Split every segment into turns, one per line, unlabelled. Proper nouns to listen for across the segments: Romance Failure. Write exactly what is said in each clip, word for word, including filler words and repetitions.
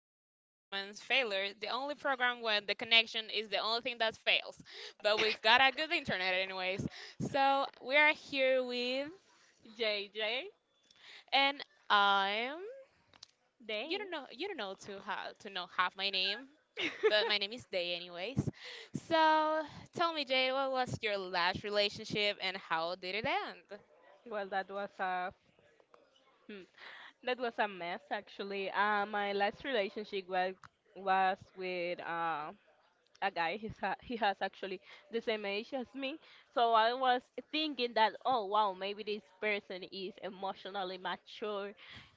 to Romance Failure, the only program where the connection is the only thing that fails. But we've got a good internet, anyways. So we are here with,
J J
and I'm. You
day.
don't know. You don't know to how to know half my name, but my name is Day, anyways. So tell me, Jade, what was your last relationship and how did it end?
Well, that was a hmm, that was a mess actually. Uh, my last relationship was was with uh, a guy. He's ha he has actually the same age as me. So I was thinking that, oh wow, maybe this person is emotionally mature.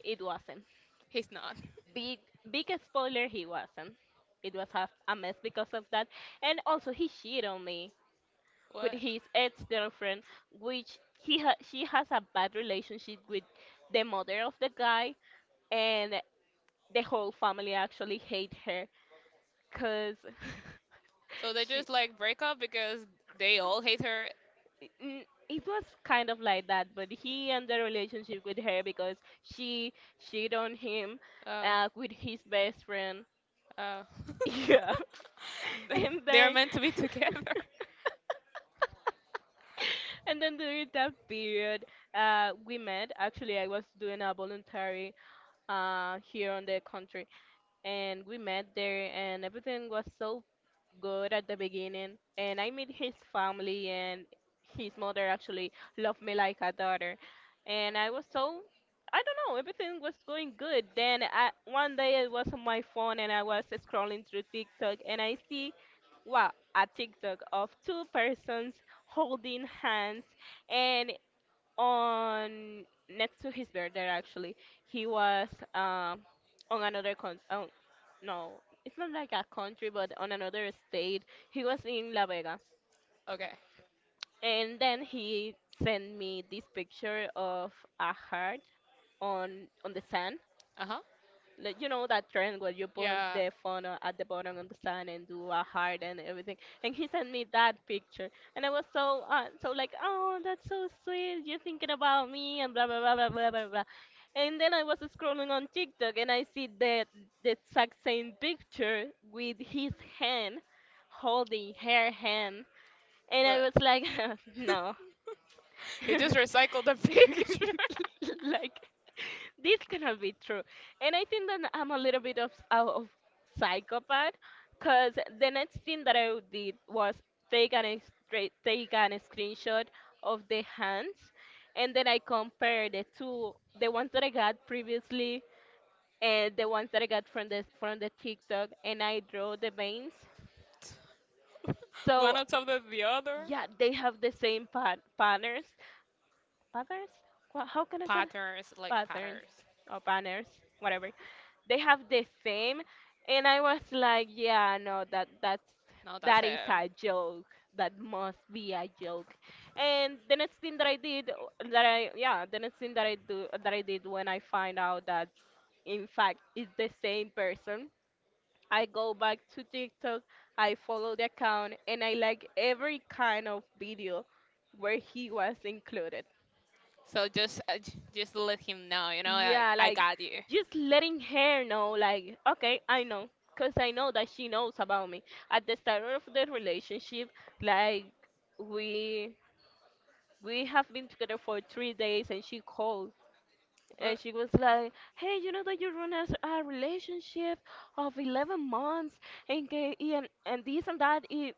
It wasn't.
He's not.
Big big spoiler. He wasn't. It was half a mess because of that. And also he cheated on me with
What?
his ex-girlfriend, which he ha- she has a bad relationship with the mother of the guy, and the whole family actually hate her because
So they
she.
just like break up because they all hate her.
N- It was kind of like that, but he and the relationship with her because she cheated on him
Oh.
uh, with his best friend.
Uh,
Yeah, and
they're
then
meant to be together.
and then during that period, uh, we met. Actually, I was doing a voluntary uh, here on the country, and we met there and everything was so good at the beginning, and I met his family, and his mother actually loved me like a daughter. And I was so, I don't know, everything was going good. Then I, one day I was on my phone and I was scrolling through TikTok and I see, wow, a TikTok of two persons holding hands. And on, next to his birthday actually, he was um on another con oh no, it's not like a country, but on another state. He was in La Vega,
Okay.
and then he sent me this picture of a heart on on the sand,
Uh huh.
like, you know that trend where you put
Yeah.
the phone o- at the bottom of the sand and do a heart and everything. And he sent me that picture, and I was so, uh, so like, oh, that's so sweet, you're thinking about me and blah blah blah blah blah blah blah. And then I was scrolling on TikTok and I see the the exact same picture with his hand holding her hand. And I
wha-
was like, no,
He just recycled the picture.
like this cannot be true. And I think that I'm a little bit of, out of psychopath, because the next thing that I did was take an ex- tra- take an screenshot of the hands, and then I compared the two: the ones that I got previously and the ones that I got from the from the TikTok. And I draw the veins.
One
So
on top of the other.
yeah, they have the same pat- patterns. Patterns? Qua- How can I say it?
Patterns, like
Patterns
patterns.
or banners, whatever? They have the same, and I was like, yeah, no, that that's
No, that's
that is
him.
a joke. That must be a joke. And the next thing that I did, uh, that I yeah, the next thing that I do that I did, when I find out that in fact it's the same person, I go back to TikTok, I follow the account, and I like every kind of video where he was included.
So just, uh, j- just let him know. You know, like,
Yeah,
I
like
got you.
just letting her know, like, okay, I know, 'cause I know that she knows about me. At the start of the relationship, like we we have been together for three days, and she called, and
What?
she was like, "Hey, you know that you run a, a relationship of eleven months and, ga- and and this and that." It,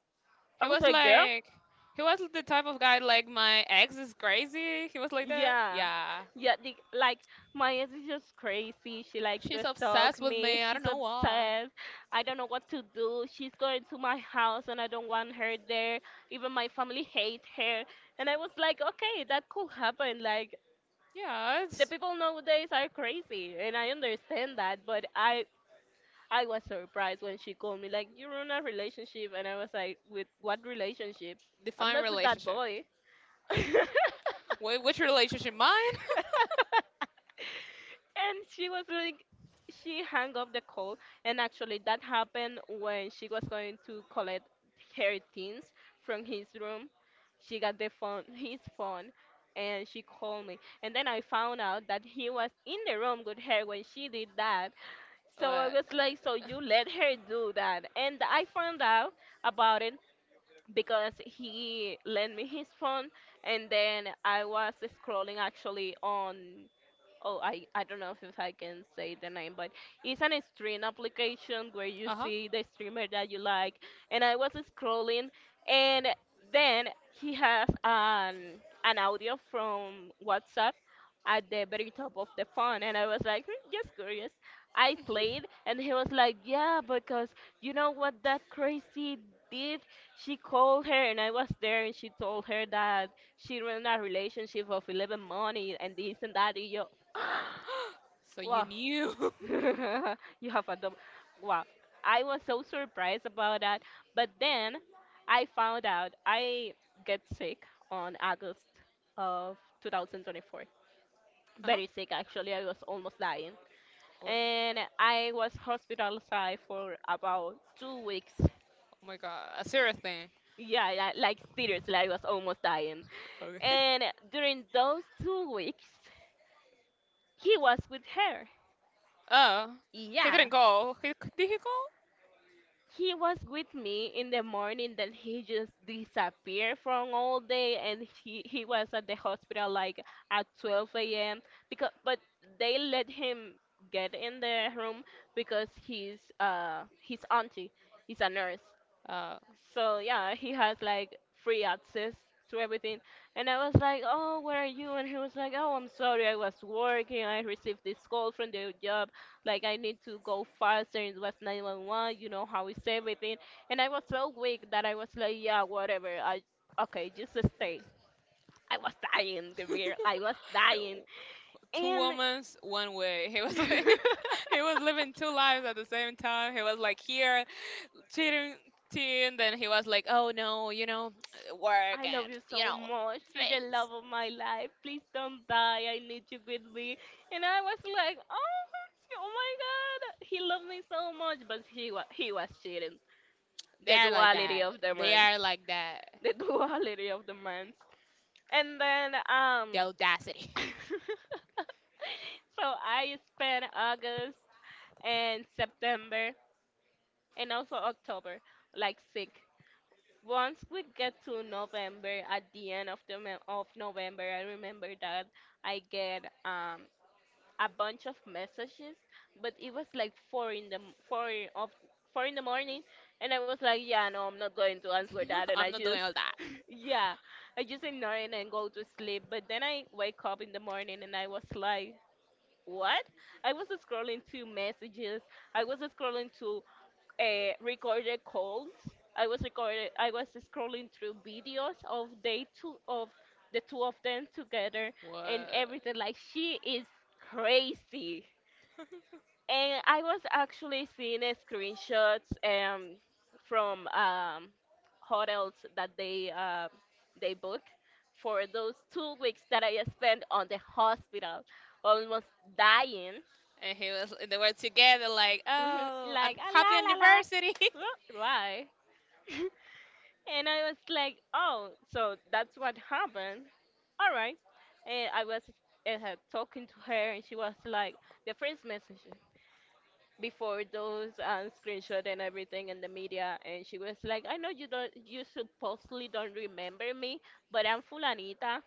I
He
was
was
like, "Girl,
like, he was the type of guy like my ex
like
is crazy. He was like
like yeah.
that.
Yeah.
Yeah.
Yeah, the, like my ex is just crazy. She likes
She's
to stalk
obsessed
exactly
with
me.
me. I don't
She's yeah
know why.
obsessed. I don't know what to do. She's going to my house and I don't want her there. Even my family hate her." And I was like, okay, that could happen. Like,
Yeah,
the
it's
people nowadays are crazy and I understand that, but I I was surprised when she called me like, you're in a relationship, and I was like, with what relationship? I'm
define
not with that
relationship.
boy. And
Wait, which relationship? Mine?
she was like, she hung up the call. And actually that happened when she was going to collect her things from his room. She got the phone, his phone, and she called me, and then I found out that he was in the room with her when she did that. So I
What?
was like, so you let her do that? And I found out about it because he lent me his phone. And then I was scrolling actually on, oh I, I don't know if I can say the name, but it's an stream application where you
Uh huh.
see the streamer that you like. And I was scrolling, and then he has an an audio from WhatsApp at the very top of the phone, and I was like, hmm, just curious. I played, and he was like, yeah, because you know what that crazy did? She called her, and I was there, and she told her that she ran a relationship of eleven months and this and that and you
So you
wow.
knew.
You have a double, wow. I was so surprised about that. But then I found out. I get sick on August of two thousand twenty-four,
Uh huh.
very sick. Actually I was almost dying,
What?
and I was hospitalized for about two weeks.
Oh my god. A serious thing.
Yeah, li- like seriously I was almost dying.
Okay.
And during those two weeks, he was with her.
Oh. He
Yeah,
didn't call. He did he call?
he was with me in the morning, then he just disappeared from all day. And he, he was at the hospital like at twelve a.m., because but they let him get in the room because his uh his auntie is a nurse.
Uh.
So yeah, he has like free access to everything. And I was like, "Oh, where are you?" And he was like, "Oh, I'm sorry, I was working. I received this call from the job. Like I need to go faster. It was nine one one. You know how it's everything." And I was so weak that I was like, "Yeah, whatever. I Okay, just stay." I was dying, Gabriel. I was dying.
Two
And
women's one way. He was like he was living two lives at the same time. He was like here cheating teen, then he was like, oh no, you know, work
I love
and
you
you
so
know,
much. You're the
things.
love of my life. Please don't die. I need you with me. And I was like, oh, oh my god, he loved me so much, but he was he was cheating.
They
The
are like that.
duality of the
They
mans.
are like that.
The duality of the mans. And then um,
The audacity.
so I spent August and September and also October like sick. Once we get to November, at the end of the mo- of November, I remember that I get um a bunch of messages, but it was like four in the m- four of four in the morning, and I was like, yeah, no, I'm not going to answer that, and
I'm
I
not doing
just
all that.
yeah, I just ignore it and go to sleep. But then I wake up in the morning and I was like, what? I was scrolling through messages. I was scrolling to uh, recorded calls. I was recorded. I was scrolling through videos of they two of the two of them together and
What?
everything. Like, she is crazy. And I was actually seeing a screenshots um, from um, hotels that they um they book for those two weeks that I spent on the hospital, almost dying.
And he was, they were together, like,
Mhm,
oh,
like
and
ah, la
happy
la la,
anniversary.
Wha- why? And I was like, oh, so that's what happened. All right. And I was, uh, talking to her, and she was like, the first message before those um, screenshot and everything in the media, and she was like, I know you don't you supposedly don't remember me, but I'm fulanita,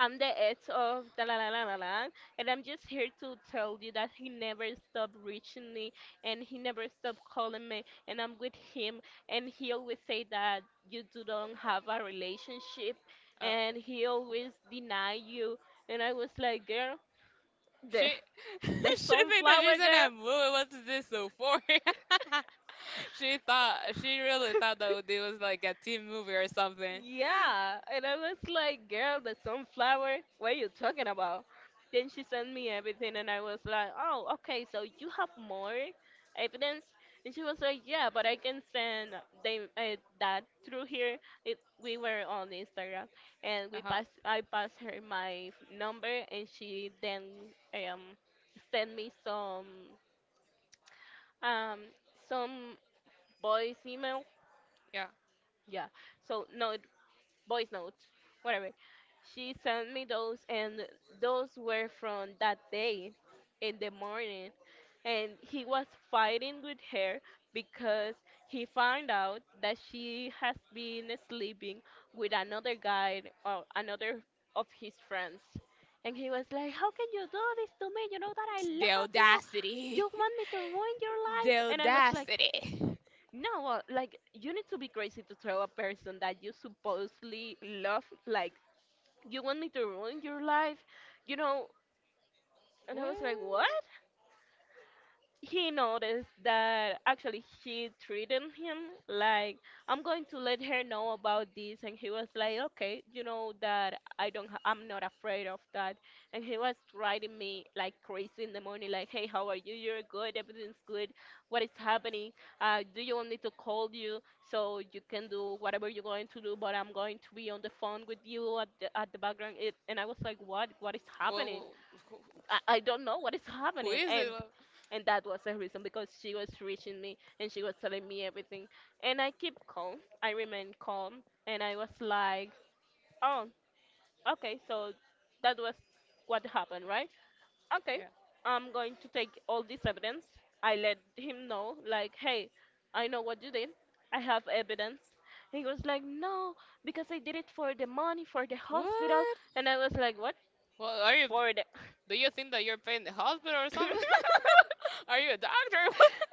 I'm the ex of da la la la la la, and I'm just here to tell you that he never stopped reaching me, and he never stopped calling me, and I'm with him, and he always say that you do don't have a relationship,
Oh,
and he always deny you. And I was like, girl, the
she, she
the
think that
sunflower
she's in
girl.
a movie. What's this so for? She thought, she really thought that it was like a teen movie or something.
Yeah, and I was like, girl, the sunflower, what are you talking about? Then she sent me everything, and I was like, oh, okay, so you have more evidence? And she was like, yeah, but I can send them, uh, that through here. It, we were on Instagram, and
Uh
we
huh.
passed, I passed her my f- number, and she then um sent me some um some boys email,
Yeah.
yeah. So note, voice note, whatever. She sent me those, and those were from that day in the morning. And he was fighting with her because he found out that she has been sleeping with another guy or another of his friends. And he was like, how can you do this to me? You know that I
The
love you.
audacity.
You want me to ruin your life?
The
And I was like,
audacity.
no, well, like, you need to be crazy to tell a person that you supposedly love, like, you want me to ruin your life, you know. And I was like, what?
What?
He noticed that actually she treated him like, I'm going to let her know about this. And he was like, okay, you know that I don't ha- I'm not afraid of that. And he was writing me like crazy in the morning like, hey, how are you, you're good, everything's good, what is happening? Uh, do you want me to call you so you can do whatever you're going to do, but I'm going to be on the phone with you at the, at the background it. And I was like, what what is
What,
happening?
what Who?
I, I don't know what is
Who
happening.
is it?
and
Well,
and that was the reason because she was reaching me and she was telling me everything. And I keep calm. I remained calm. And I was like, oh, okay, so that was what happened, right. Okay,
yeah.
I'm going to take all this evidence. I let him know, like, hey, I know what you did. I have evidence. He was like, no, because I did it for the money, for the hospital.
What?
And I was like, what?
Well, are you?
For the. Like,
Do you think that you're paying the hospital or something? Are you a doctor?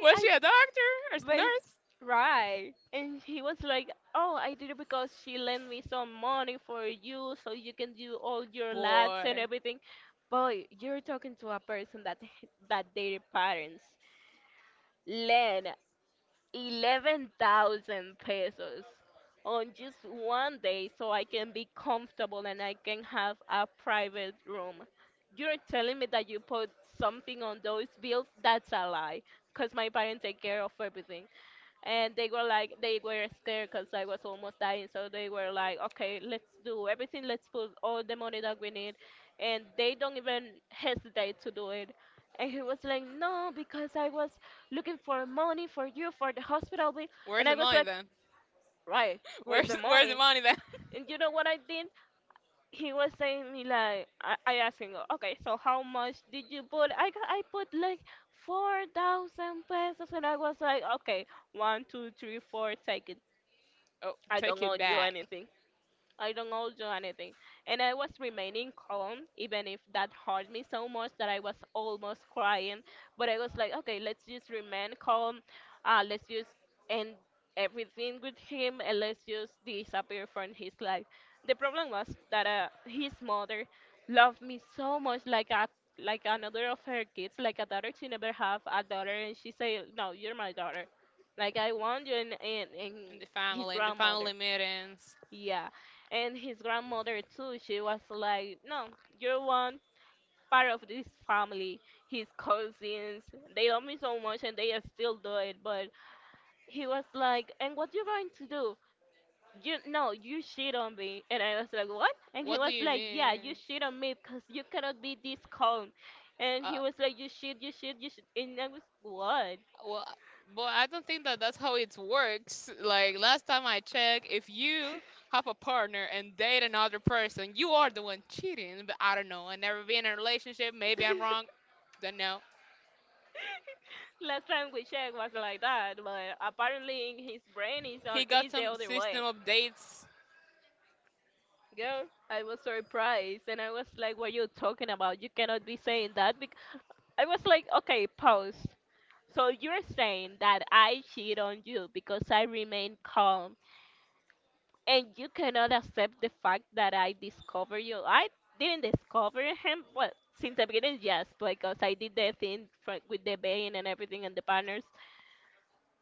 Was
I.
she a doctor or a
Well,
nurse?
right. And he was like, oh, I did it because she lent me some money for you so you can do all your labs and
Boy,
everything. Boy, you're talking to a person that that their parents lent eleven thousand pesos on just one day so I can be comfortable and I can have a private room. You're telling me that you put something on those bills? That's a lie. Because my parents take care of everything. And they were like, they were scared because I was almost dying. So they were like, okay, let's do everything. Let's put all the money that we need. And they don't even hesitate to do it. And he was like, no, because I was looking for money for you, for the hospital bill. And
where's
I
the
was
money
like,
then?
right, where's the
Where's where's the
money?
money then?
And you know what I did? He was saying me like, I, I asked him, okay, so how much did you put? I, got- I put like four thousand pesos. And I was like, okay, one, two, three, four, take it.
Oh,
I don't
take
owe
it
you
back.
anything. I don't know do anything. And I was remaining calm, even if that hurt me so much that I was almost crying. But I was like, okay, let's just remain calm. Uh, let's just end everything with him and let's just disappear from his life. The problem was that uh, his mother loved me so much, like a like another of her kids, like a daughter, she never have a daughter, and she said, no, you're my daughter. Like I want you, and and, and
In the
his
family in the
grandmother.
family meetings.
Yeah, and his grandmother too. She was like, "No, you're one part of this family. His cousins, they love me so much, and they still do it." But he was like, "And what you going to do? You no, you shit on me." And I was like, "What?" And he
What do
was
you
like, "Yeah, you
mean?
shit on me because you cannot be this calm." And he
Uh,
was like, "You shit, you shit, you shit," and I was, "What?"
well, boy, I don't think that that's how it works. Like last time I checked, if you have a partner and date another person, you are the one cheating. But I don't know. I never been in a relationship. Maybe I'm wrong. Don't know.
Last time we checked was like that, but apparently in his brain is on
He got
is the
some
other
system
way.
updates
Girl, I was surprised and I was like, "What are you talking about? You cannot be saying that." Because I was like, "Okay, pause." So you're saying that I cheat on you because I remain calm, and you cannot accept the fact that I discover you. I didn't discover him. Well, since the beginning, yes, because I did the thing fr- with the vein and everything and the partners.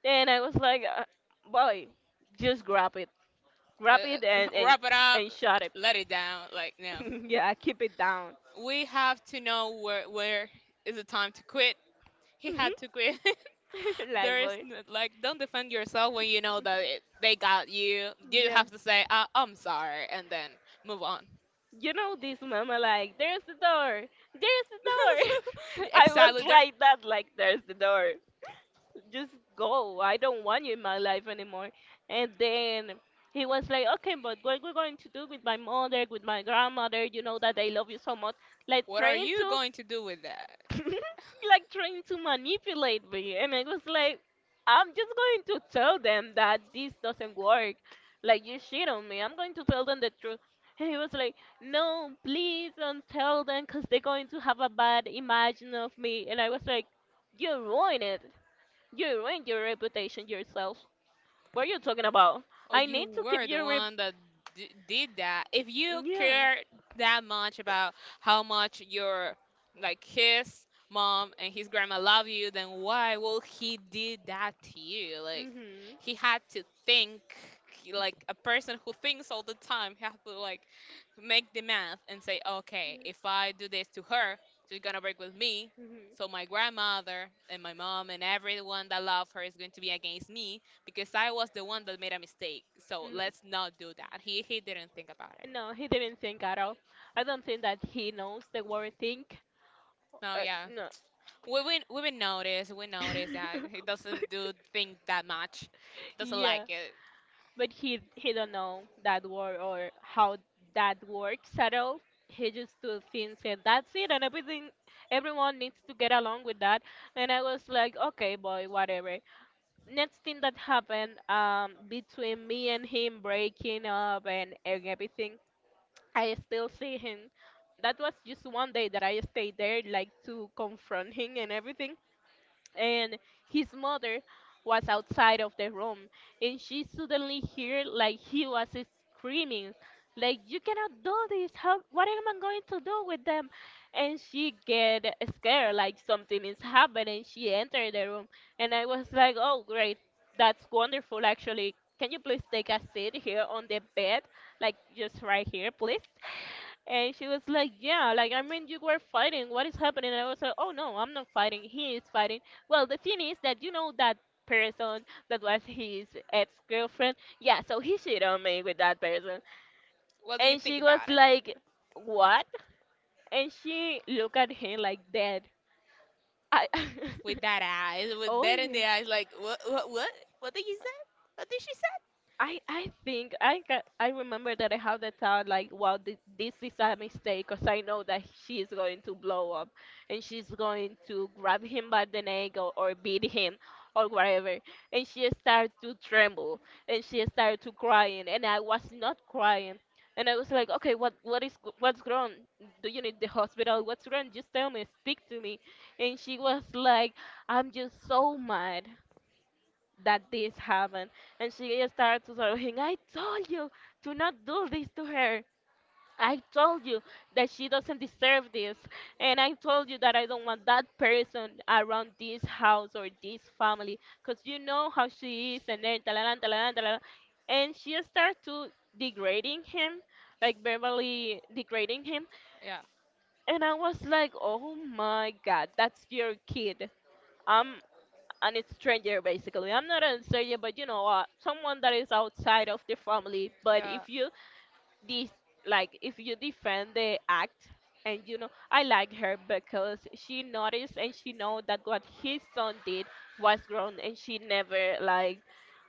Then I was like, uh, boy, just grab it, grab it
uh,
and and
wrap it up,
and shut it.
let it down. Like no,
Yeah, keep it down.
we have to know where where is the time to quit. He
Mhm.
had to quit.
Like
There is
boy,
n- like don't defend yourself when you know that it, they got you. You
yeah.
have to say uh, I'm sorry and then move on.
You know this mama like, there's the door, there's the door. I was
Exactly. There.
like that, like there's the door. Just go. I don't want you in my life anymore. And then he was like, okay, but what we're going to do with my mother, with my grandmother, you know that they love you so much. Like
What are
trying
you
to
going to do with that?
like trying to manipulate me. And I was like, I'm just going to tell them that this doesn't work. Like, you shit on me. I'm going to tell them the truth. And he was like, no, please don't tell them because they're going to have a bad imagine of me. And I was like, you ruined it. You ruined your reputation yourself. What are you talking about?
Or
I
you
need to keep
were the
your rep.
one that d- did that. If you
Yeah.
cared that much about how much your like his mom and his grandma love you, then why will he did that to you? Like
Mhm.
he had to think he- like a person who thinks all the time. He has to like make the math and say, okay, if I do this to her, she's gonna break with me. So
Mhm.
my grandmother and my mom and everyone that love her is going to be against me because I was the one that made a mistake. So let's not do that. He
Think
he didn't think about it.
that. No, he didn't think at all. I don't think that he knows the word think.
No,
No, Uh,
yeah.
no. No,
We we we been notice. We notice that he doesn't do things that much. Doesn't like it.
but he he don't know that word or how that works at all. He just do things and that's it, and everything everyone needs to get along with that. And I was like, okay, boy, whatever. Next thing that happened um between me and him breaking up and, and everything, I still see him. That was just one day that I stayed there, like to confront him and everything, and his mother was outside of the room and she suddenly heard like he was screaming like, you cannot do this, how, what am I going to do with them? And she get scared, like something is happening. She entered the room and I was like, oh great, that's wonderful. Actually, can you please take a seat here on the bed, like just right here please? And she was like, yeah, like I mean, you were fighting. What is happening? And I was like, oh no, I'm not fighting. He is fighting. Well, the thing is that you know that person that was his ex-girlfriend. Yeah, so he cheated on me with that person,
What do you
and
think
she was
about it?
like, "What?" And she looked at him like that. I.
With that eyes, with
Oh,
that in
yeah.
the eyes, like what what what? What did you say? What did she say?
I I think I got, I remember that I have the thought like, wow, th- this is a mistake because I know that she is going to blow up, and she's going to grab him by the neck, or, or beat him or whatever. And she started to tremble, and she started to crying, and I was not crying, and I was like, okay, what what is g- what's wrong? Do you need the hospital? What's wrong? Just tell me, speak to me. And she was like, I'm just so mad that this happened. And she started to saying, I told you to not do this to her. I told you that she doesn't deserve this. And I told you that I don't want that person around this house or this family. Because you know how she is. And then, talalan, talalan, talalan. And she started to degrading him, like verbally degrading him.
Yeah,
And I was like, oh my god, that's your kid. I'm and it's stranger basically. I'm not a stranger, but you know what? Someone that is outside of the family. But
yeah.
if you dis like if you defend the act, and you know, I like her because she noticed and she know that what his son did was wrong, and she never like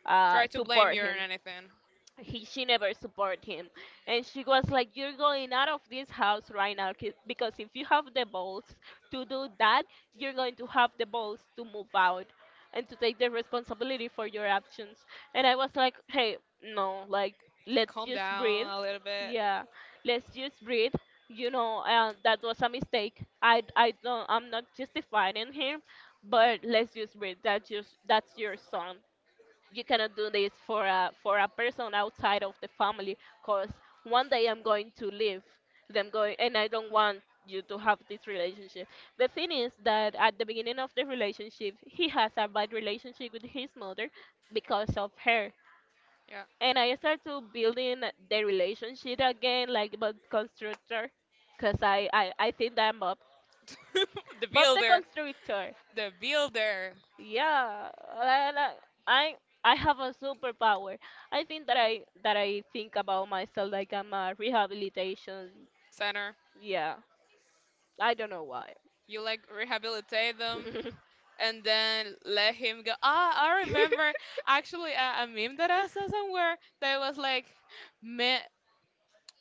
uh
Try to blame
support
you or
him.
anything.
He she never supported him. And she was like, you're going out of this house right now 'cause- because if you have the balls to do that, you're going to have the balls to move out and to take the responsibility for your actions. And I was like, hey, no, like, let's
Calm
just breathe.
down a little bit.
Yeah, let's just breathe. You know, uh, that was a mistake. I i don't, I'm not justifying him, but let's just breathe. that's just that's your son. You cannot do this for a for a person outside of the family because one day I'm going to leave them going and I don't want you to have this relationship. The thing is that at the beginning of the relationship he has a bad relationship with his mother because of her, and I start to building the relationship again like but constructor. Because I, I I think that I'm Bob,
Yeah. The
Bob the
builder,
constructor,
the builder
yeah. la- la- i i have a superpower. I think that i that I think about myself like I'm a rehabilitation.
center.
Yeah, I don't know why.
You like rehabilitate them and then let him go. Ah, I remember actually a, a meme that I saw somewhere that was like, men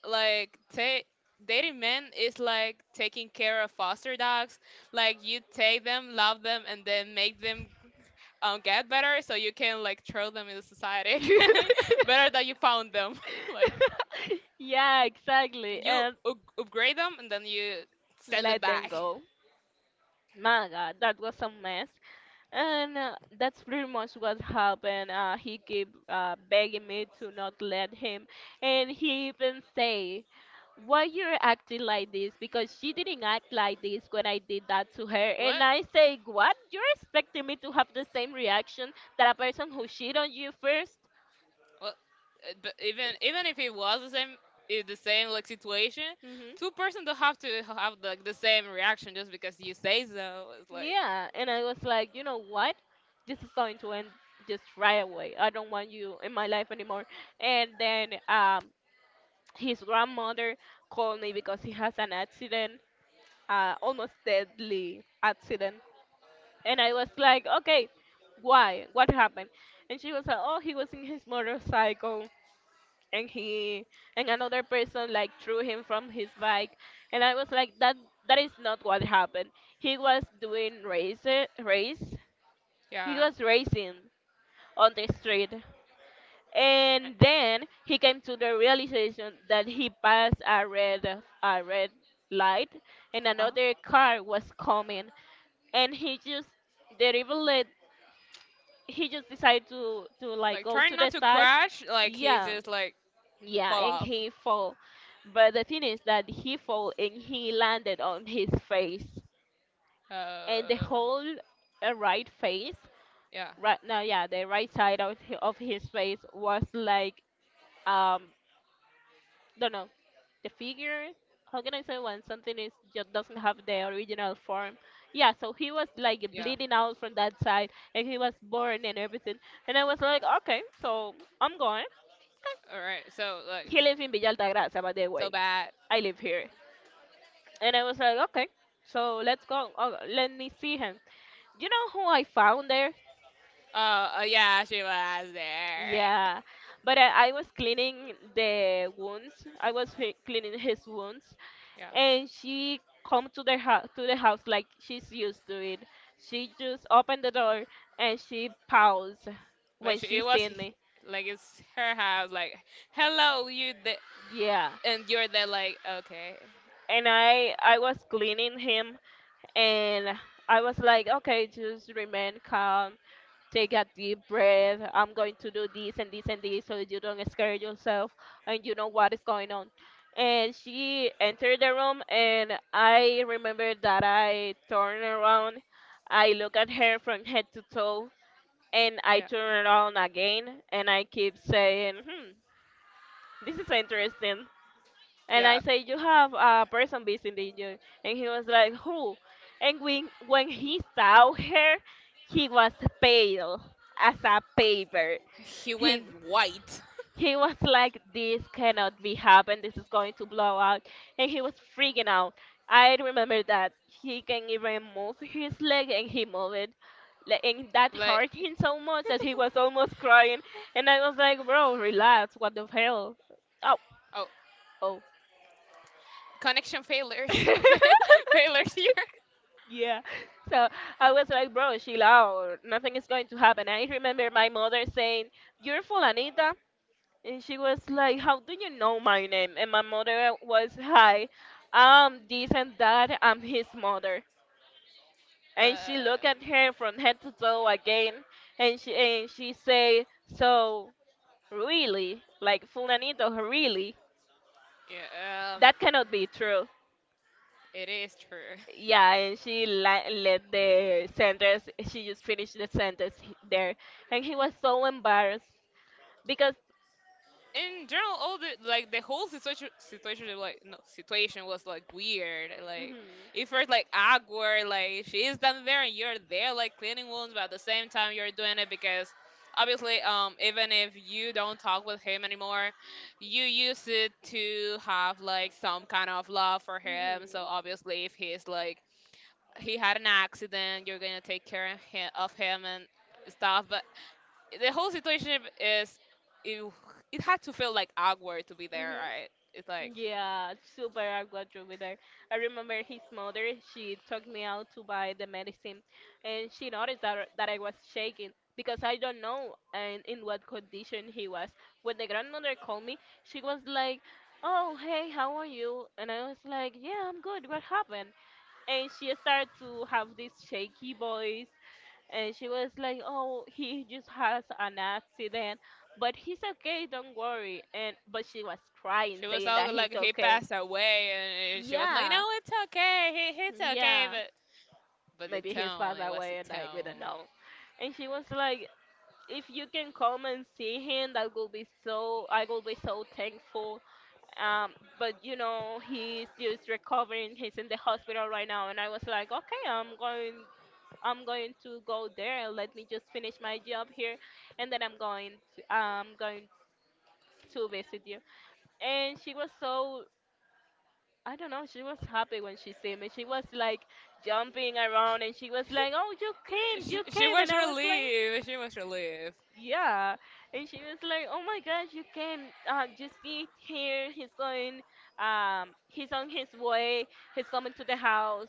like take dating men is like taking care of foster dogs. Like you take them, love them, and then make them um, get better, so you can like throw them in the society again. Better that you found them. Like
Yeah exactly.
you
And
up- upgrade them and then you send them
let them
back.
go. My God, that was a mess. And uh, that's pretty much what happened. Uh, he kept uh, begging me to not let him. And he even say, why you're acting like this? Because she didn't act like this when I did that to her. And
What?
I say, what? You're expecting me to have the same reaction that a person who cheated on you first?
Well, uh, but even even if it was the same i- the same like situation, two
Hmm.
person don't have to have like the same reaction just because you say so. It's like
Yeah. And I was like, you know what? This is going to end just right away. I don't want you in my life anymore. And then um, his grandmother called me because he has an accident, uh, almost deadly accident. And I was like, okay, why? What happened? And she was like, oh, he was in his motorcycle and he and another person like threw him from his bike. And I was like, that that is not what happened. He was doing race race. He
yeah,
was racing on the street, and then he came to the realization that he passed a red a red light and
uh
another car was coming, and he just didn't even let, he just decided to to like
like
go
trying
to
not
the
to
side.
crash. Like he
Yeah,
just like
yeah,
fall
and
off.
he fall. But the thing is that he fall and he landed on his face, and the
Uh,
whole uh, right face.
yeah,
Right now, yeah, the right side of, hi- of his face was like, um don't know, the figure, how can I say, when something is just doesn't have the original form. Yeah, so he was like
yeah.
bleeding out from that side, and he was born and everything. And I was like, okay, so I'm going.
All right. So like
He lives in Villa Altagracia, by the way.
so bad.
I live here, and I was like, okay, so let's go. Oh, let me see him. You know who I found there?
Uh, uh yeah, she was there.
Yeah, but i, I was cleaning the wounds. i was fi- cleaning his wounds.
Yeah,
And she come to the house to the house like she's used to it. She just opened the door, and she paused
like
when
she,
she
it was
seen
he-
me.
like it's her house. Like hello, you the
Yeah,
and you're there. Like okay,
and I I was cleaning him, and I was like, okay, just remain calm, take a deep breath. I'm going to do this and this and this so you don't scare yourself and you know what is going on. And she entered the room, and I remember that I turned around. I look at her from head to toe, and I
yeah.
turn around again, and I keep saying, hmm, this is interesting. And I
Yeah.
say, you have a person visiting you. And he was like, who? And when, when he saw her, he was pale as a paper.
He
He,
went white.
he was like, this cannot be happen. This is going to blow out. And he was freaking out. I remember that he can even move his leg and he moved it. Like, and that
Like
hurt him so much that he was almost crying. And I was like, bro, relax. What the hell? Oh,
oh,
oh.
connection failures. Failures here.
Yeah. So I was like, bro, chill out. Nothing is going to happen. I remember my mother saying, you're Fulanita. And she was like, how do you know my name? And my mother was, hi, I'm this and that. I'm his mother. And she looked at
Uh,
her from head to toe again. And she, and she said, so, really? Like, Fulanito, really?
yeah, um,
That cannot be true.
it is true.
Yeah, and she la- let the sentence. She just finished the sentence he- there, and he was so embarrassed because.
In general, all the like the whole situation situation was like no situation was like weird. Like
Mhm.
it felt like awkward. Like she's down there and you're there, like cleaning wounds, but at the same time you're doing it because obviously, um, even if you don't talk with him anymore, you use it to have like some kind of love for him.
Mhm.
So obviously, if he's like he had an accident, you're gonna take care of him, of him and stuff. But the whole situation is it, it had to feel like awkward to be there,
Mhm.
right? It's like
Yeah, super awkward with her. I remember his mother, she took me out to buy the medicine, and she noticed that, that I was shaking because I don't know and in what condition he was. When the grandmother called me, she was like, oh, hey, how are you? And I was like, yeah, I'm good. What happened? And she started to have this shaky voice, and she was like, "Oh, he just has an accident, but he's okay. Don't worry." And but she was crying,
she was
saying
all
that
like
he's
he
okay.
passed away, and she was like,
Yeah,
"No, it's okay. He, it's okay."
yeah.
But but the
Maybe he's
tone,
passed
it was the
away, and like we don't
tone.
know. And she was like, "If you can come and see him, that will be so. I will be so thankful." Um, but you know, he's just recovering. He's in the hospital right now. And I was like, "Okay, I'm going. I'm going to go there. Let me just finish my job here, and then I'm going to I'm going to visit you." And she was so, I don't know. She was happy when she see me. She was like jumping around, and she was like, "Oh, you came,
She,
you
she
came!"
was
And I was like,
relieved. She was relieved.
yeah. And she was like, oh my gosh, you can uh, just see here. He's going, um, he's on his way, he's coming to the house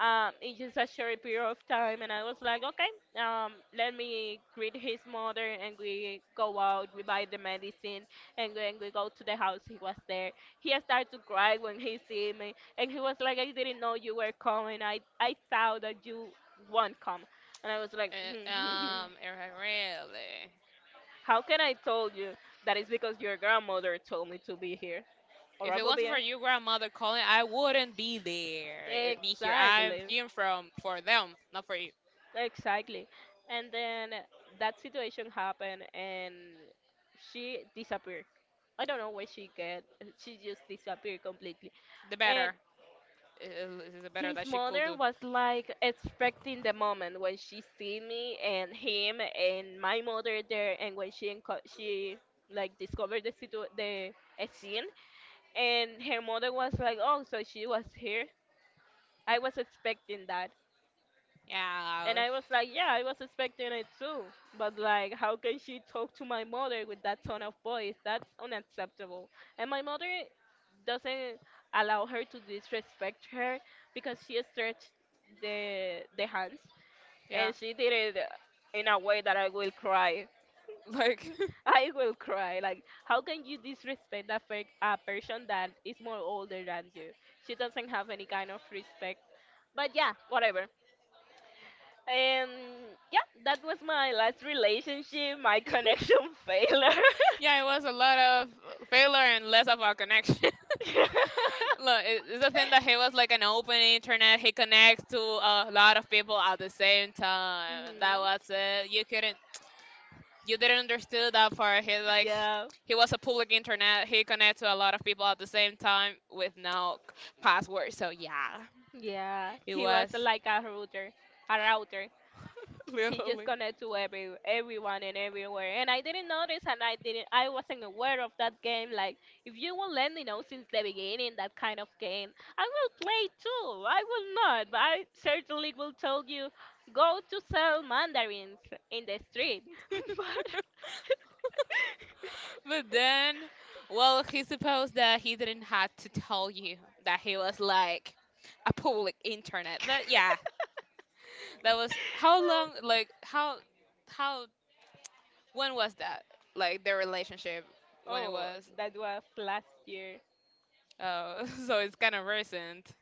um, in just a short period of time. And I was like, okay, um, let me greet his mother, and we go out, we buy the medicine, and then we go to the house. He was there. He started to cry when he see me, and he was like, I didn't know you were coming. I, I thought that you won't come. And I was like,
Uh, um, it was really.
how can I told you that it's because your grandmother told me to be here, or
If
I
it
could be
wasn't for
here?
you, grandmother calling, I wouldn't be there. Eh, be here. I'm
Exactly,
here from for them, not for you.
exactly. And then that situation happened, and she disappeared. I don't know where she get. She just disappeared completely.
The
And
better. It is the better
his
that she could
mother
do.
was like expecting the moment when she see me and him and my mother there, and when she enco- she like discovered the situ the scene. And her mother was like, "Oh, so she was here. I was expecting that." And
Yeah.
I was like, "Yeah, I was expecting it too." But like, how can she talk to my mother with that tone of voice? That's unacceptable. And my mother doesn't allow her to disrespect her, because she stretched the the hands,
Yeah.
and she did it in a way that I will cry.
Like,
I will cry. Like, how can you disrespect a, fake, a person that is more older than you? She doesn't have any kind of respect. But yeah, whatever. And yeah, that was my last relationship, my connection failure.
yeah, it was a lot of failure and less of a connection. Look, it- it's a thing that he was like an open internet. He connects to a lot of people at the same time. That
Hmm.
was it. You couldn't, you didn't understand that part. He like,
Yeah,
he was a public internet. He connected to a lot of people at the same time with no password. So yeah,
yeah.
it
He was
was
like a router, a router. He just
literally.
connect to every everyone and everywhere. And I didn't notice, and I didn't, I wasn't aware of that game. Like, if you will let me know since the beginning that kind of game, I will play too. I will not, but I certainly will tell you, go to sell mandarins in the street. But
But then, well, he supposed that he didn't have to tell you that he was like a public internet. But yeah, that was how long? Like how how when was that? Like their relationship when it
oh,
was?
that was last year.
Oh, so it's kind of recent.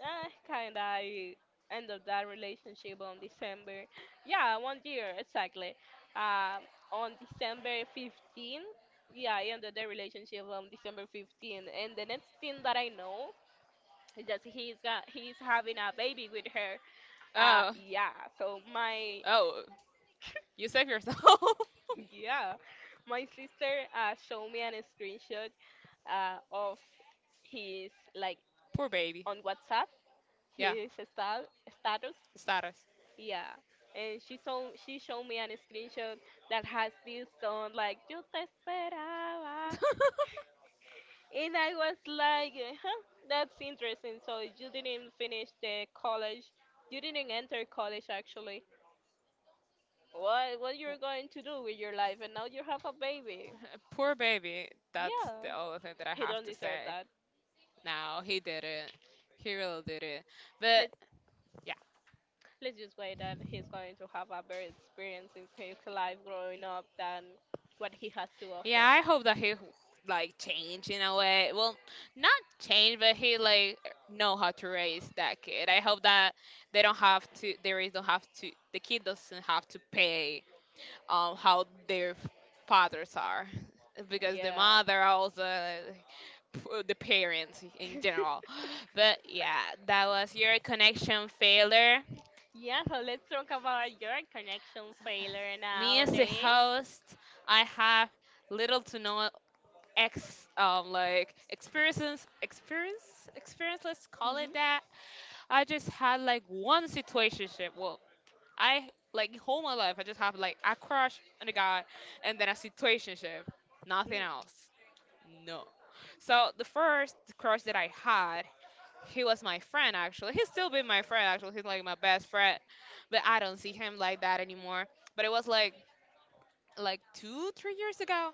Uh, kind of, I end up that relationship on December. Yeah, one year exactly. Um, on December fifteenth. Yeah, I ended the relationship on December fifteenth, and the next thing that I know is that he's got he's having a baby with her. Uh,
Oh,
yeah. So my
oh, you save yourself.
yeah, my sister uh showed me an screenshot uh of his like
Poor baby.
on WhatsApp
Yeah,
his stat- status.
status.
Yeah, and she saw she showed me an screenshot that has this song like "Yo te esperaba," and I was like, "Huh, that's interesting. So you didn't finish the college, you didn't enter college actually. What what you're going to do with your life? And now you have a baby."
Poor baby. That's
Yeah,
the only thing that I
he
have
don't
to
deserve
say.
that.
Now he did it. He really did it. But
Let's
yeah.
let's just wait that he's going to have a better experience in his life growing up than what he has to
Yeah,
offer.
I hope that he like change in a way. Well, not change, but he like know how to raise that kid. I hope that they don't have to. They raise don't have to. The kid doesn't have to pay um how their f- fathers are, because the
Yeah.
mother also like, p- the parents in general. But yeah, that was your connection failure.
Yeah, so let's talk about your connection failure
Me as a
nowadays.
host, I have little to no ex um like experiences experience experience, let's call
Mhm.
it that. I just had like one situationship. Well, I like whole my life I just have like a crush on a guy and then a situationship, nothing
Mm.
else. No. So the first crush that I had, he was my friend. Actually, he's still been my friend. Actually, he's like my best friend, but I don't see him like that anymore. But it was like like two, three years ago.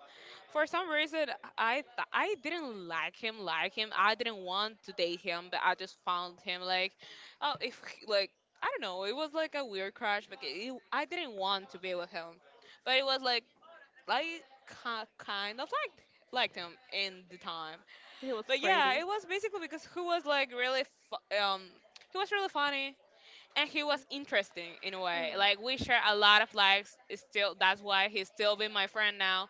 For some reason, I th- I didn't like him, like him. I didn't want to date him, but I just found him like, oh, if he- like I don't know. It was like a weird crush, but it, I didn't want to be with him. But it was like I ki- kind of liked liked him in the time.
It was
But
pretty.
yeah, it was basically because he was like really fu- um he was really funny and he was interesting in a
Mm.
way. Like we share a lot of likes. It's still that's why he's still been my friend now.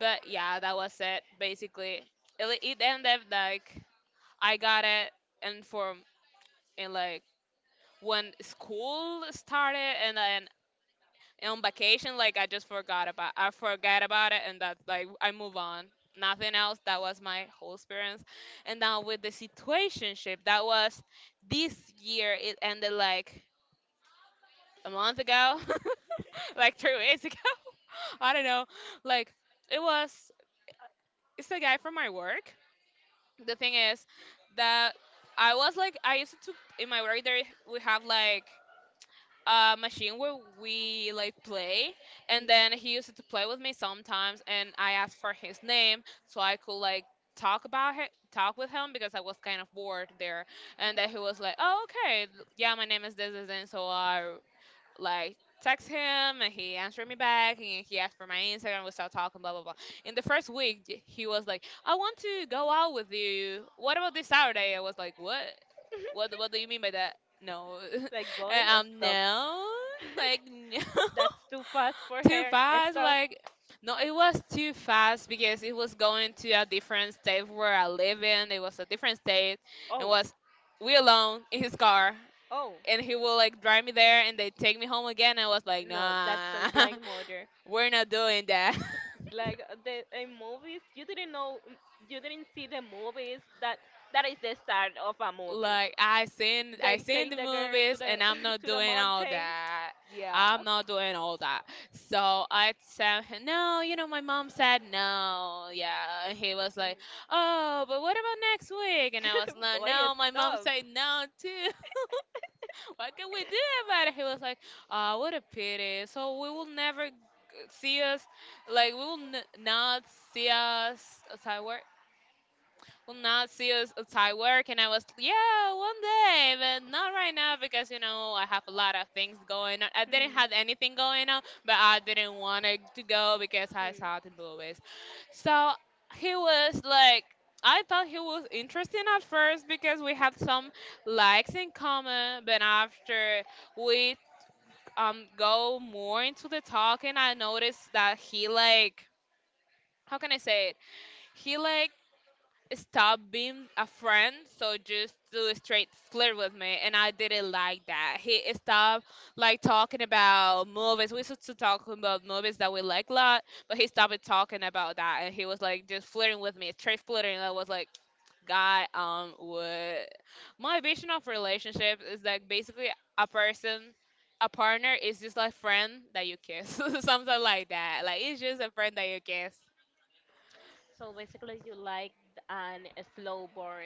But yeah, that was it basically. It, it ended like I got it and for, and like when school started and then on vacation like I just forgot about I forgot about it and that like I move on. Nothing else. That was my whole experience. And now with the situationship, that was this year. It ended like a month ago, like three weeks ago. I don't know. Like it was, it's a guy from my work. The thing is that I was like, I used to, in my work there we have like a
Mm.
machine where we like play, and then he used to play with me sometimes, and I asked for his name so I could like talk about him talk with him because I was kind of bored there. And then he was like, "Oh, okay, yeah, my name is this, this." And so I like text him and he answered me back and he asked for my Instagram. We started talking, blah blah blah. In the first week, j- he was like, "I want to go out with you. What about this Saturday?" I was like, "What?
Mhm.
What? What do you mean by that?" No,
Like, boy,
and
uh,
um,
stop.
no, like no,
That's too fast for her.
too
Uh,
fast.
Stop.
Like no, it was too fast because it was going to a different state where I live in. It was a different state, and
Oh,
was we alone in his car,
oh.
and he will like drive me there and they take me home again. I was like,
No, that sounds
nah,
like murder.
we're not doing that.
Like uh, the, in movies, you didn't know, you didn't see the movies that that is the start of a movie,
Like I seen I
they take
seen the
the girl to
movies
the
and I'm
to
not
the
doing all
mountain.
that.
Yeah.
I'm not doing all that. So I said no, you know, my mom said no. Yeah. And he was like, "Oh, but what about next week?" And I was like,
Boy,
"No, my mom
stop.
said no too. What can we do about it?" He was like, "Ah, what a pity. So we will never g- see us, like we will n- not see us outside work. Will not see us outside work." And I was, "Yeah, one day, but not right now because you know I have a lot of things going on." I
Hmm.
didn't have anything going on, but I didn't want it to go because I
Hmm.
saw the movie. So he was like, I thought he was interesting at first because we had some likes in common, but after we um go more into the talk and I noticed that he like, how can I say it? He like stop being a friend so just do a straight flirt with me, and I didn't like that. He stopped like talking about movies. We used to talk about movies that we like a lot, but he stopped talking about that, and he was like just flirting with me, straight flirting. And I was like, god, um what, my vision of relationship is like basically a person, a partner is just like friend that you kiss, something like that. Like it's just a friend that you kiss.
So basically, you like an a slow burn,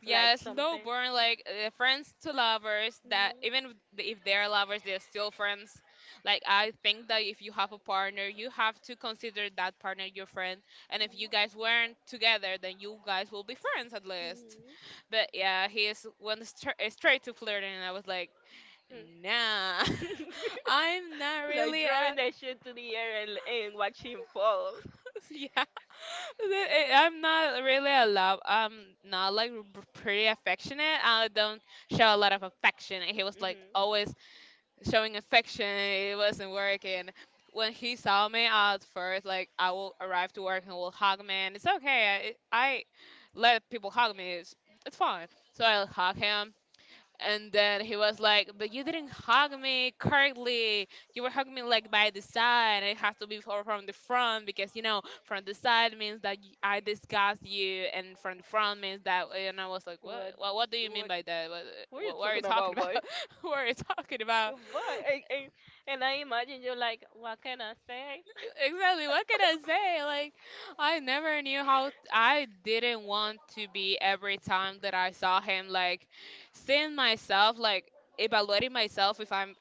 like
Yeah, slow
something.
burn, like uh, friends to lovers. That,
Mhm.
even if if they're lovers, they're still friends. Like I think that if you have a partner, you have to consider that partner your friend. And if you guys weren't together, then you guys will be friends at least.
Mhm.
But yeah, he is went stra- uh, straight to flirting, and I was like, nah,
Hmm.
I'm not
Like
really
throwing
a
the shit to the air and, and watching fall.
yeah. I- I'm not really a love. I'm not like r- pretty affectionate. I don't show a lot of affection. He was like
Mhm.
always showing affection. It wasn't working. When he saw me at first, like I will arrive to work and will hug me, and it's okay. I, I let people hug me. It's, it's fine. So I'll hug him. And then he was like, "But you didn't hug me correctly. You were hugging me like by the side. It has to be for, from the front because, you know, from the side means that y- I disgust you, and from the front means that." And I was like, "What? What, what do you mean by that? What,
What are you
what, what are
talking
you
about,
talking about?
boy?
What are you talking about?"
Boy, and, and, and I imagine you're like, what can I say?
Exactly. What can I say? Like, I never knew how I didn't want to be every time that I saw him. Like seeing myself, like evaluating myself if I'm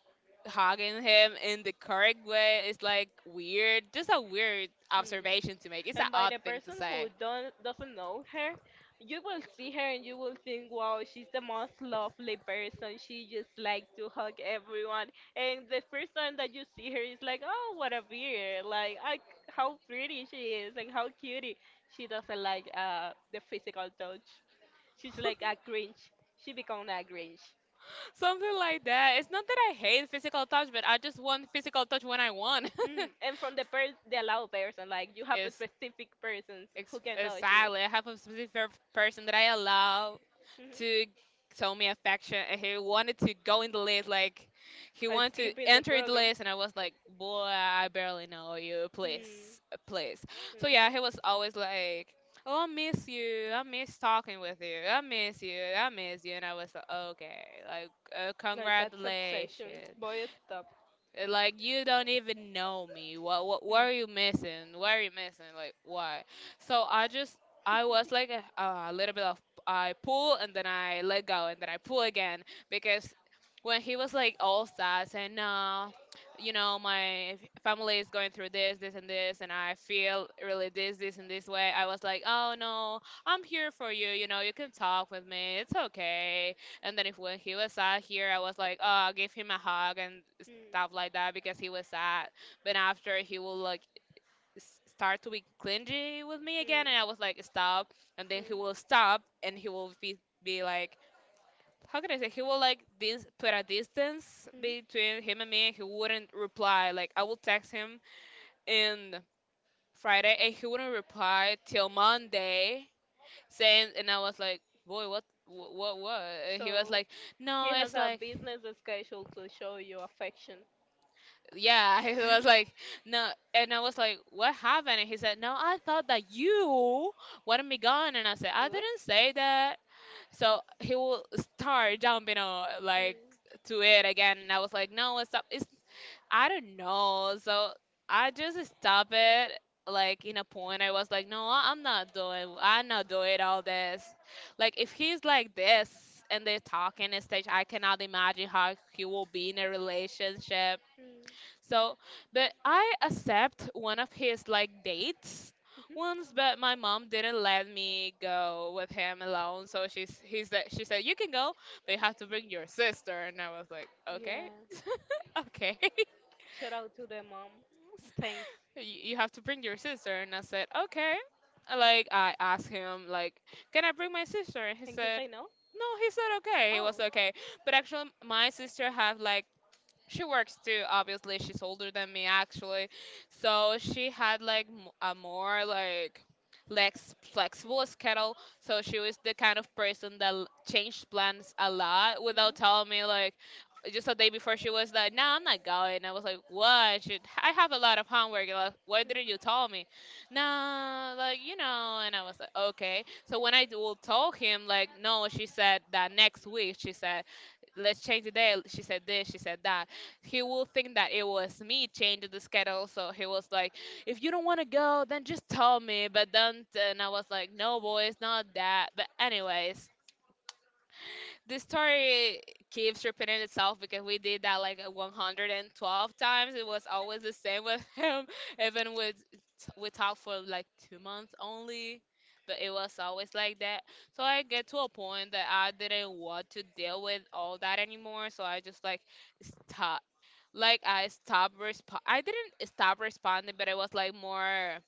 hugging him in the correct way is like weird. Just a weird
Hmm.
observation to make. It's
And
an
by the
odd thing to
person who
say.
don't doesn't know her, you will see her and you will think, wow, she's the most lovely person. She just like to hug everyone. And the first time that you see her is like, oh, what a beard! Like, I, how pretty she is and how cutie. She doesn't like uh the physical touch. She's like a Grinch. She become a Grinch.
Something like that. It's not that I hate physical touch, but I just want physical touch when I want.
Mm, and from the per the allowed person, like you have a
it's,
specific persons who
it's,
can
it's
touch you.
sadly I have a specific person that I allow
Mhm.
to show me affection, and he wanted to go in the list. Like he
Or
wanted to
skipping the
enter the
program.
list, and I was like, boy, I barely know you,
Mm,
please, please.
mhm.
So yeah, he was always like, "Oh, I miss you, I miss talking with you, I miss you, I miss you." And I was like, okay, like uh,
Like that's obsession.
congratulations.
Boy, stop.
uh, Like, you don't even know me. What what
Mm,
what
mm.
are you missing? What are you missing? Like why? So I just, I was like a, a little bit of, I pull and then I let go and then I pull again, because when he was like all sad saying, "No, you know, my family is going through this, this, and this, and I feel really this, this, and this way." I was like, "Oh no, I'm here for you. You know you can talk with me. It's okay." And then if when he was out here, I was like, oh, give him a hug and stuff like that because he was sad. But after he will like s- start to be clingy with me
Mm,
again, and I was like stop, and then
mm.
he will stop, and he will be be like, how can I say, he will like this put a distance
Mhm.
between him and me. He wouldn't reply. Like I will text him in Friday, and he wouldn't reply till Monday saying, and I was like, boy, what, what, what? And he
So
was like,
he
"No,
has
it's
a
like,
business schedule to show you affection.
yeah." He was like no, and I was like, "What happened?" And he said, "No, I thought that you wanted me gone." And I said, "I
Good.
didn't say that." So he will start jumping on like
Mm.
to it again, and I was like, no, it's up, it's, I don't know. So I just stop it. Like in a point I was like, no, I'm not doing, I'm not doing all this. Like if he's like this, and they're talking and stage, I cannot imagine how he will be in a relationship. So, but I accept one of his like dates
Mhm.
once, but my mom didn't let me go with him alone. So she's he said, she said, "You can go, but you have to bring your sister." And I was like, okay,
Yeah.
okay,
Shout out to the mom. Thanks.
you you have to bring your sister. And I said, okay. Like I asked him like, can I bring my sister? And he
And he say
said.
no?
No, he said okay. It
Oh.
was okay. But actually, my sister had like, she works too, obviously. She's older than me, actually. So she had like m- a more like lex flexible schedule. So she was the kind of person that l- changed plans a lot without telling me. Like just a day before, she was like, "No, I'm not going." I was like, "What? She, I have a lot of homework. Like, why didn't you tell me?" "No, like, you know." And I was like, "Okay." So when I d- will tell him, like, "No, she said that next week, she said let's change the day, she said this, she said that," he will think that it was me changing the schedule. So he was like, "If you don't want to go, then just tell me." But then, and I was like, no, boy, it's not that. But anyways, this story keeps repeating itself because we did that like a 112 times. It was always the same with him. Even with, we talked for like two months only. But it was always like that. So I get to a point that I didn't want to deal with all that anymore. So I just like stop. Like I stopped resp- I didn't stop responding, but it was like more,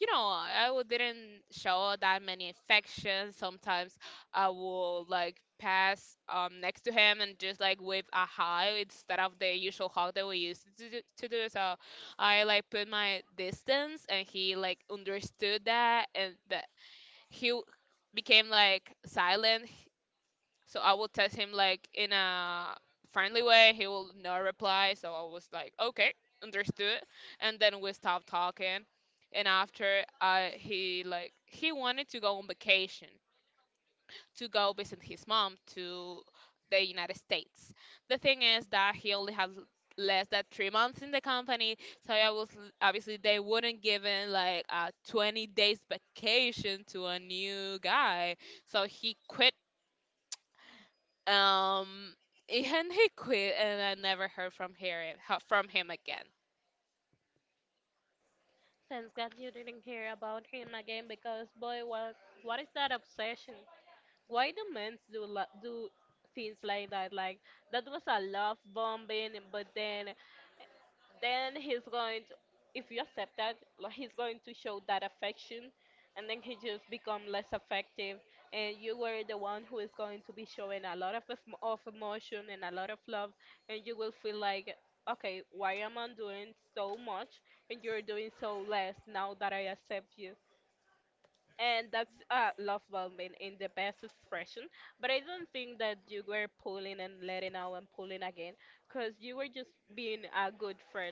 you know, I w- didn't show that many affection. Sometimes I will like pass um next to him and just like wave a hi instead of the usual hug that we used to do, to do. So I like put my distance, and he like understood that, and that he w- became like silent. So I will test him like in a friendly way. He will not reply. So I was like, okay, understood. And then we stopped talking. And after I he like he wanted to go on vacation to go visit his mom to the United States. The thing is that he only has less than three months in the company, so I was, obviously they wouldn't give him like a twenty days vacation to a new guy. So he quit. Um, and he quit, and I never heard from here from him again.
Thanks God you didn't hear about him again, because boy, what what is that obsession? Why do men do lo- do things like that? Like that was a love bombing, but then then he's going to if you accept that like he's going to show that affection, and then he just become less affective, and you were the one who is going to be showing a lot of, em- of emotion and a lot of love, and you will feel like, okay, why am I doing so much and you're doing so less now that I accept you? And that's uh, love bombing in the best expression. But I don't think that you were pulling and letting out and pulling again, because you were just being a good friend.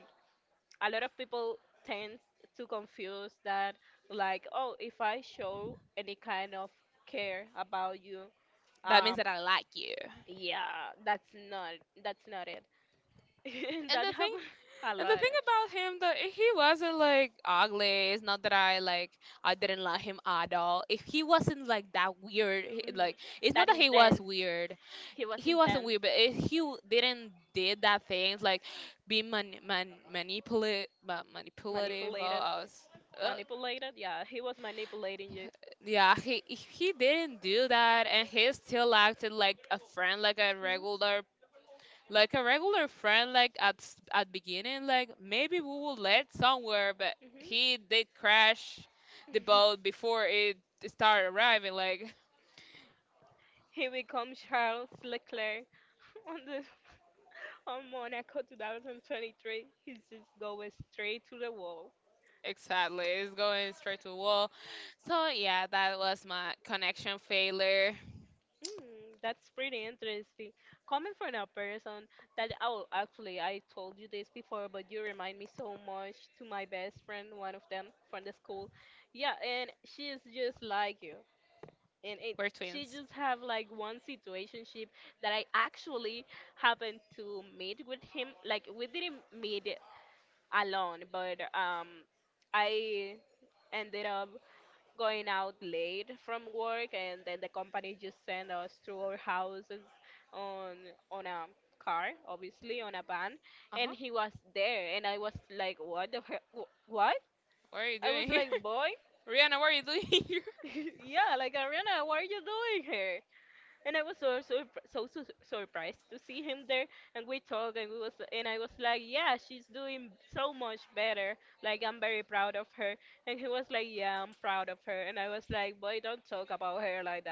A lot of people tend to confuse that. Like, oh, if I show any kind of care about you,
That
um
means that I like you.
yeah, that's not that's not it. That
And the
happens
thing
a
And
lot.
the thing about him, that he wasn't like ugly. It's not that I like I didn't like him at all. If he wasn't like that weird, he-
Mhm.
like
That
it's not that he
intense.
was weird.
He was
He
intense.
wasn't weird, but if he w- didn't did that things like be man, man manipulative, manipulative. Oh,
Manipulated,
I was, uh,
manipulated, yeah, he was manipulating you.
yeah, he he didn't do that, and he still acted like a friend, like a regular like a regular friend like at s- at beginning like maybe we will land somewhere, but he did crash the boat before it started arriving, like
He becomes Charles Leclerc on the on Monaco twenty twenty-three. He just goes straight to the wall.
exactly, it's going straight to the wall. So yeah, that was my connection failure.
Mm, that's pretty interesting. Coming from a person that, oh, actually, I told you this before, but you remind me so much to my best friend, one of them from the school. Yeah, and she is just like you. And it,
We're
she just
twins.
have like one situationship that I actually happened to meet with him. Like we didn't meet alone, but um, I ended up going out late from work, and then the company just send us to our houses on on a car, obviously, on a van, and he was
Uh-huh.
there and I was like, what the he- wh- what?
What are
I
you
was
doing
like,
here?
boy.
Rihanna, what are you doing here?
Yeah, like, Ariana, what are you doing here? And I was so so so, so surprised to see him there. And we talked, and we was, and I was like, yeah, she's doing so much better. Like I'm very proud of her. And he was like, yeah, I'm proud of her. And I was like, boy, don't talk about her like that.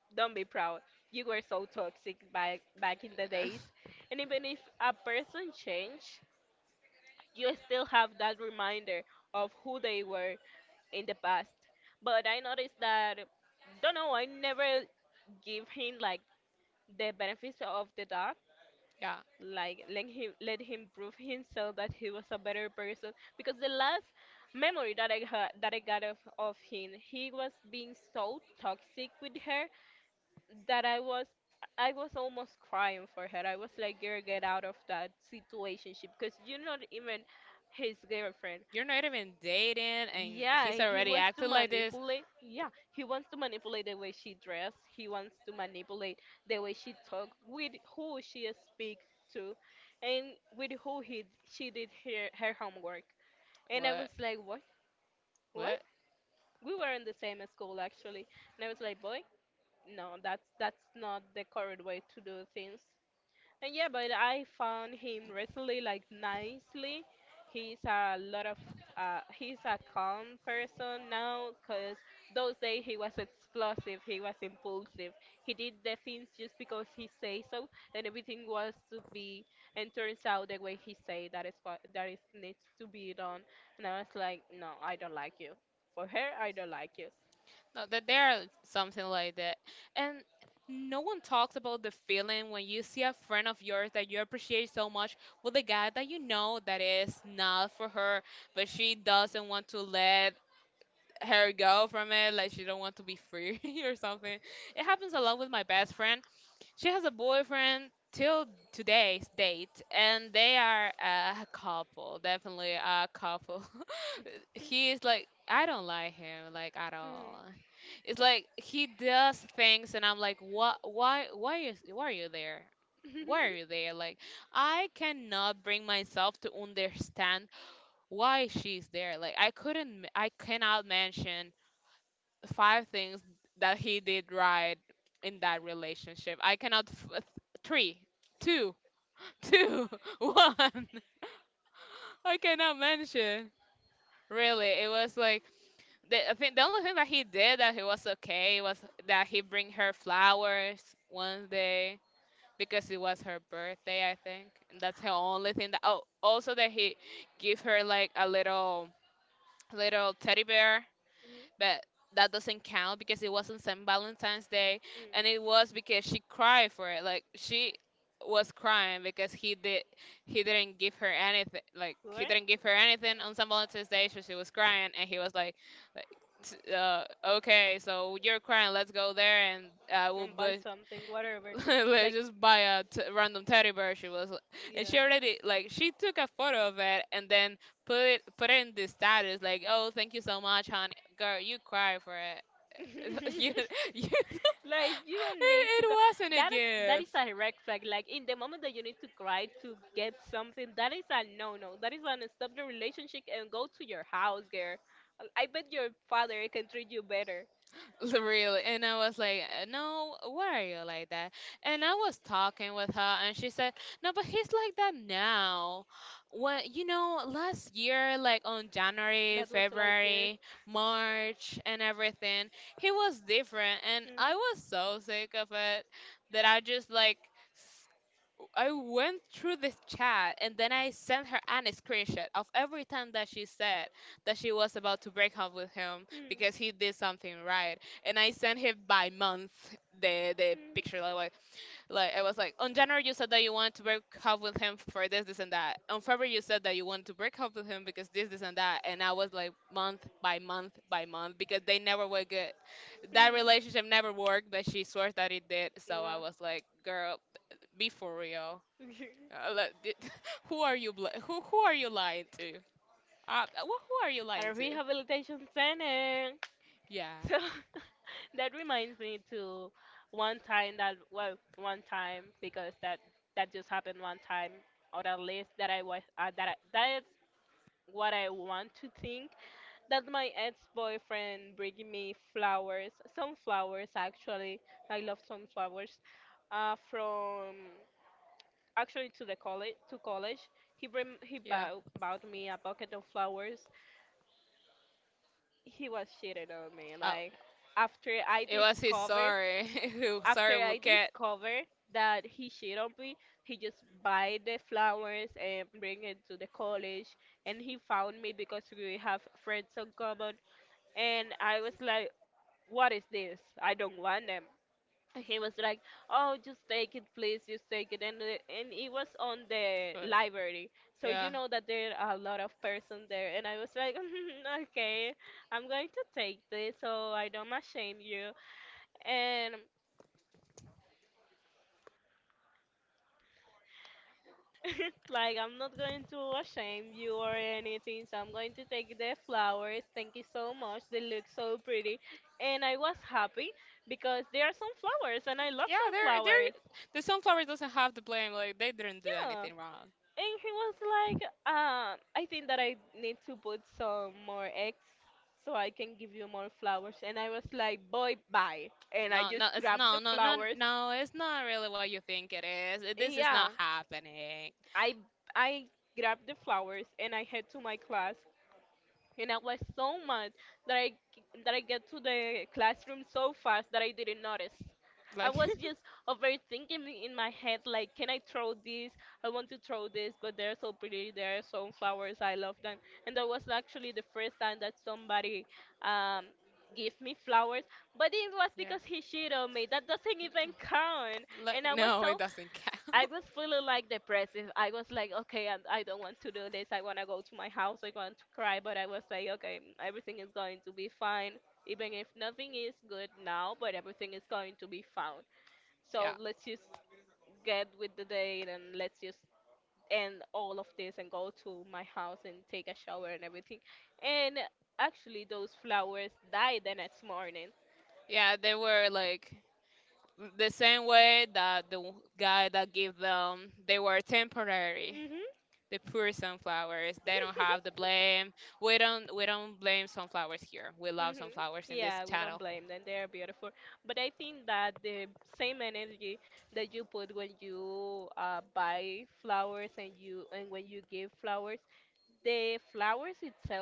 Don't be proud. You were so toxic back back in the days. And even if a person change, you still have that reminder of who they were in the past. But I noticed that, don't know, I never give him like the benefits of the doubt,
Yeah,
like let him let him prove himself that he was a better person, because the last memory that I had that I got of, of him, he was being so toxic with her that i was I was almost crying for her. I was like, girl, get out of that situation, because you're not even his girlfriend.
you're not even dating and
Yeah,
he's
he wants
already
to
acting like this.
manipulate. Yeah, he wants to manipulate the way she dress. He wants to manipulate the way she talk, with who she speaks to, and with who he she did her her homework. And I was
What?
like, what? What?
What?
We were in the same school actually, and I was like, boy, no, that's that's not the correct way to do things. And yeah, but I found him recently, like, nicely. He's a lot of uh, he's a calm person now, because those days he was explosive, he was impulsive. He did the things just because he say so, and everything was to be and turns out the way he say that is what that is needs to be done. And I was like, no, I don't like you. For her, I don't like you.
No, that there are something like that. And no one talks about the feeling when you see a friend of yours that you appreciate so much with a guy that you know that is not for her, but she doesn't want to let her go from it, like she don't want to be free or something. It happens a lot with my best friend. She has a boyfriend till today's date, and they are a couple, definitely a couple. He is like, I don't like him like at
Mm.
all. It's like he does things and I'm like, what why why is why are you there? Why are you there? Like, I cannot bring myself to understand why she's there. Like I couldn't I cannot mention five things that he did right in that relationship. I cannot f- Three, two, two, one. I cannot mention. Really, it was like the, I think the only thing that he did that he was okay was that he bring her flowers one day because it was her birthday, I think, and that's the only thing that. Oh, also that he give her like a little little teddy bear,
Mhm,
but that doesn't count because it wasn't Saint Valentine's Day,
mhm.
and it was because she cried for it. Like she was crying because he did he didn't give her anything. Like
What?
he didn't give her anything on Saint Valentine's Day, so she was crying, and he was like, like t- uh, okay, so you're crying. Let's go there, and I
And
will
buy
buy
something, whatever. Like,
like just buy a t- random teddy bear. She was like, and she already like she took a photo of it and then put it put it in the status like, oh, thank you so much, honey girl, you cry for it.
yeah.
you, you it,
Like, you need to go.
it
That
wasn't a
is that is
gift.
a red flag. Like, in the moment that you need to cry to get something, that is a no no. That is an stop the relationship and go to your house, girl. I bet your father can treat you better.
Really. And I was like, "Uh, no, why are you like that? And I was talking with her, and she said, no, but he's like that now. When, you know, last year, like on
That
January,
was last year.
February, March, and everything, he was different. And
Mhm.
I was so sick of it that I just like, I went through this chat and then I sent her an a screenshot of every time that she said that she was about to break up with
Mm.
him because he
Mm.
did something right. And I sent him by month the the picture like like, like I was like on January you said that you wanted to break up with him for this this and that. On February you said that you wanted to break up with him because this this and that. And I was like month by month by month because they never were good. That relationship
Mm.
never worked, but she swears that it did. So
Wow.
I was like, girl, be for real. Uh, le- di- who are you bl- who who are you lying to? Uh, wh- who are you
A
lying to?
rehabilitation center.
Yeah,
So that reminds me to one time that, well, one time because that that just happened one time on a list that I was uh, that I, that is what I want to think, that my ex-boyfriend bringing me flowers, some flowers actually. I love some flowers uh, from actually to the college to college. He bring, he bought,
yeah.
bought me a bucket of flowers. He was cheating on me. Like,
Oh,
after I
it was his
discovered,
sorry,
after
sorry
I
Buket.
discovered that he cheated on me, he just buy the flowers and bring it to the college. And he found me because we have friends in common. And I was like, what is this? I don't want them. And he was like, "Oh, just take it, please, just take it." And the- and it was on the
But
library, so you know
yeah,
that there are a lot of persons there. And I was like, "Mhm, okay, I'm going to take this, so I don't shame you." And like, I'm not going to shame you or anything, so I'm going to take the flowers. Thank you so much. They look so pretty, and I was happy because there are some flowers, and I love some
yeah. There,
flowers.
there. The sunflower doesn't have the blame. Like they didn't do
Yeah.
anything wrong.
And he was like, um, I think that I need to put some more eggs so I can give you more flowers. And I was like, boy, bye. And I just
No, no,
grabbed
it's
the
no, no, no,
flowers.
no. It's not really what you think it is. It- This is
Yeah,
not happening.
I I grabbed the flowers and I head to my class. And I was so mad that I that I get to the classroom so fast that I didn't notice. I was
Like,
just overthinking it in my head, like, can I throw this? I want to throw this, but they're so pretty. There are sunflowers. I love them. And that was actually the first time that somebody um, gave me flowers. But it was because
yeah,
he cheated on me. That doesn't even count. And I
like
was so
no, it doesn't count.
I was feeling like depressive. I was like, okay, I, I don't want to do this. I want to go to my house. I want to cry. But I was like, okay, mm, everything is going to be fine. Even if nothing is good now, but everything is going to be fine. So
Yeah,
let's just get with the day and let's just end all of this and go to my house and take a shower and everything. And actually, those flowers died the next morning.
yeah. They were like the same way that the w- guy that gave them, they were temporary. The poor sunflowers, they
Hmm.
don't have the blame. We don't we don't blame sunflowers here, we love
Hmm.
sunflowers in
Yeah, we
this
don't
channel.
blame them. They are beautiful. But I think that the same energy that you put when you uh, buy flowers, and you, and when you give flowers, the flowers itself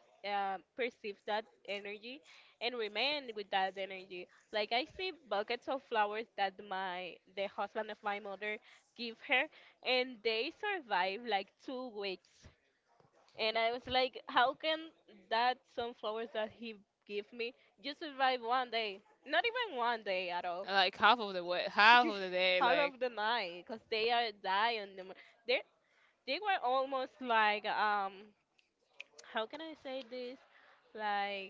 uh, perceive that energy and remain with that energy. Like, I see buckets of flowers that my the husband of my mother give her, and they survive like two weeks, and I was like, how can that sunflowers that he gave me just survive one day? Not even one day at all.
Like half of the way half of the
All
day,
of the
like
night, cause they are dying. Them- They they were almost like um, how can I say this? Like,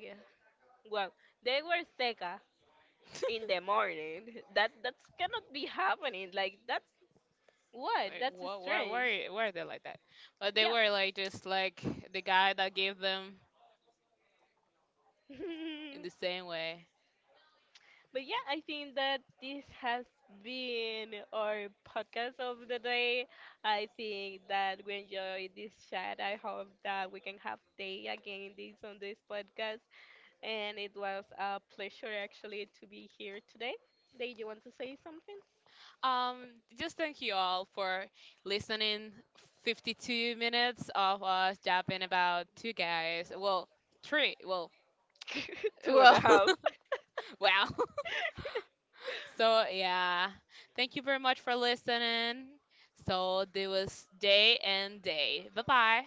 well, they were seca in the morning. That that cannot be happening. Like, that's what? That's
like what, why
strange.
why why are they like that?
Yeah.
But they were like just like the guy that gave them, in the same way.
But yeah, I think that this has been our podcast of the day. I think that we enjoyed this chat. I hope that we can have day again this on this podcast. And it was a pleasure actually to be here today. Did you want to say something?
Um, just thank you all for listening. fifty-two minutes of us yapping about two guys. Well, three. Well,
Two and a
well,
half.
wow. So, yeah. Thank you very much for listening. So, do us day and day. Bye bye.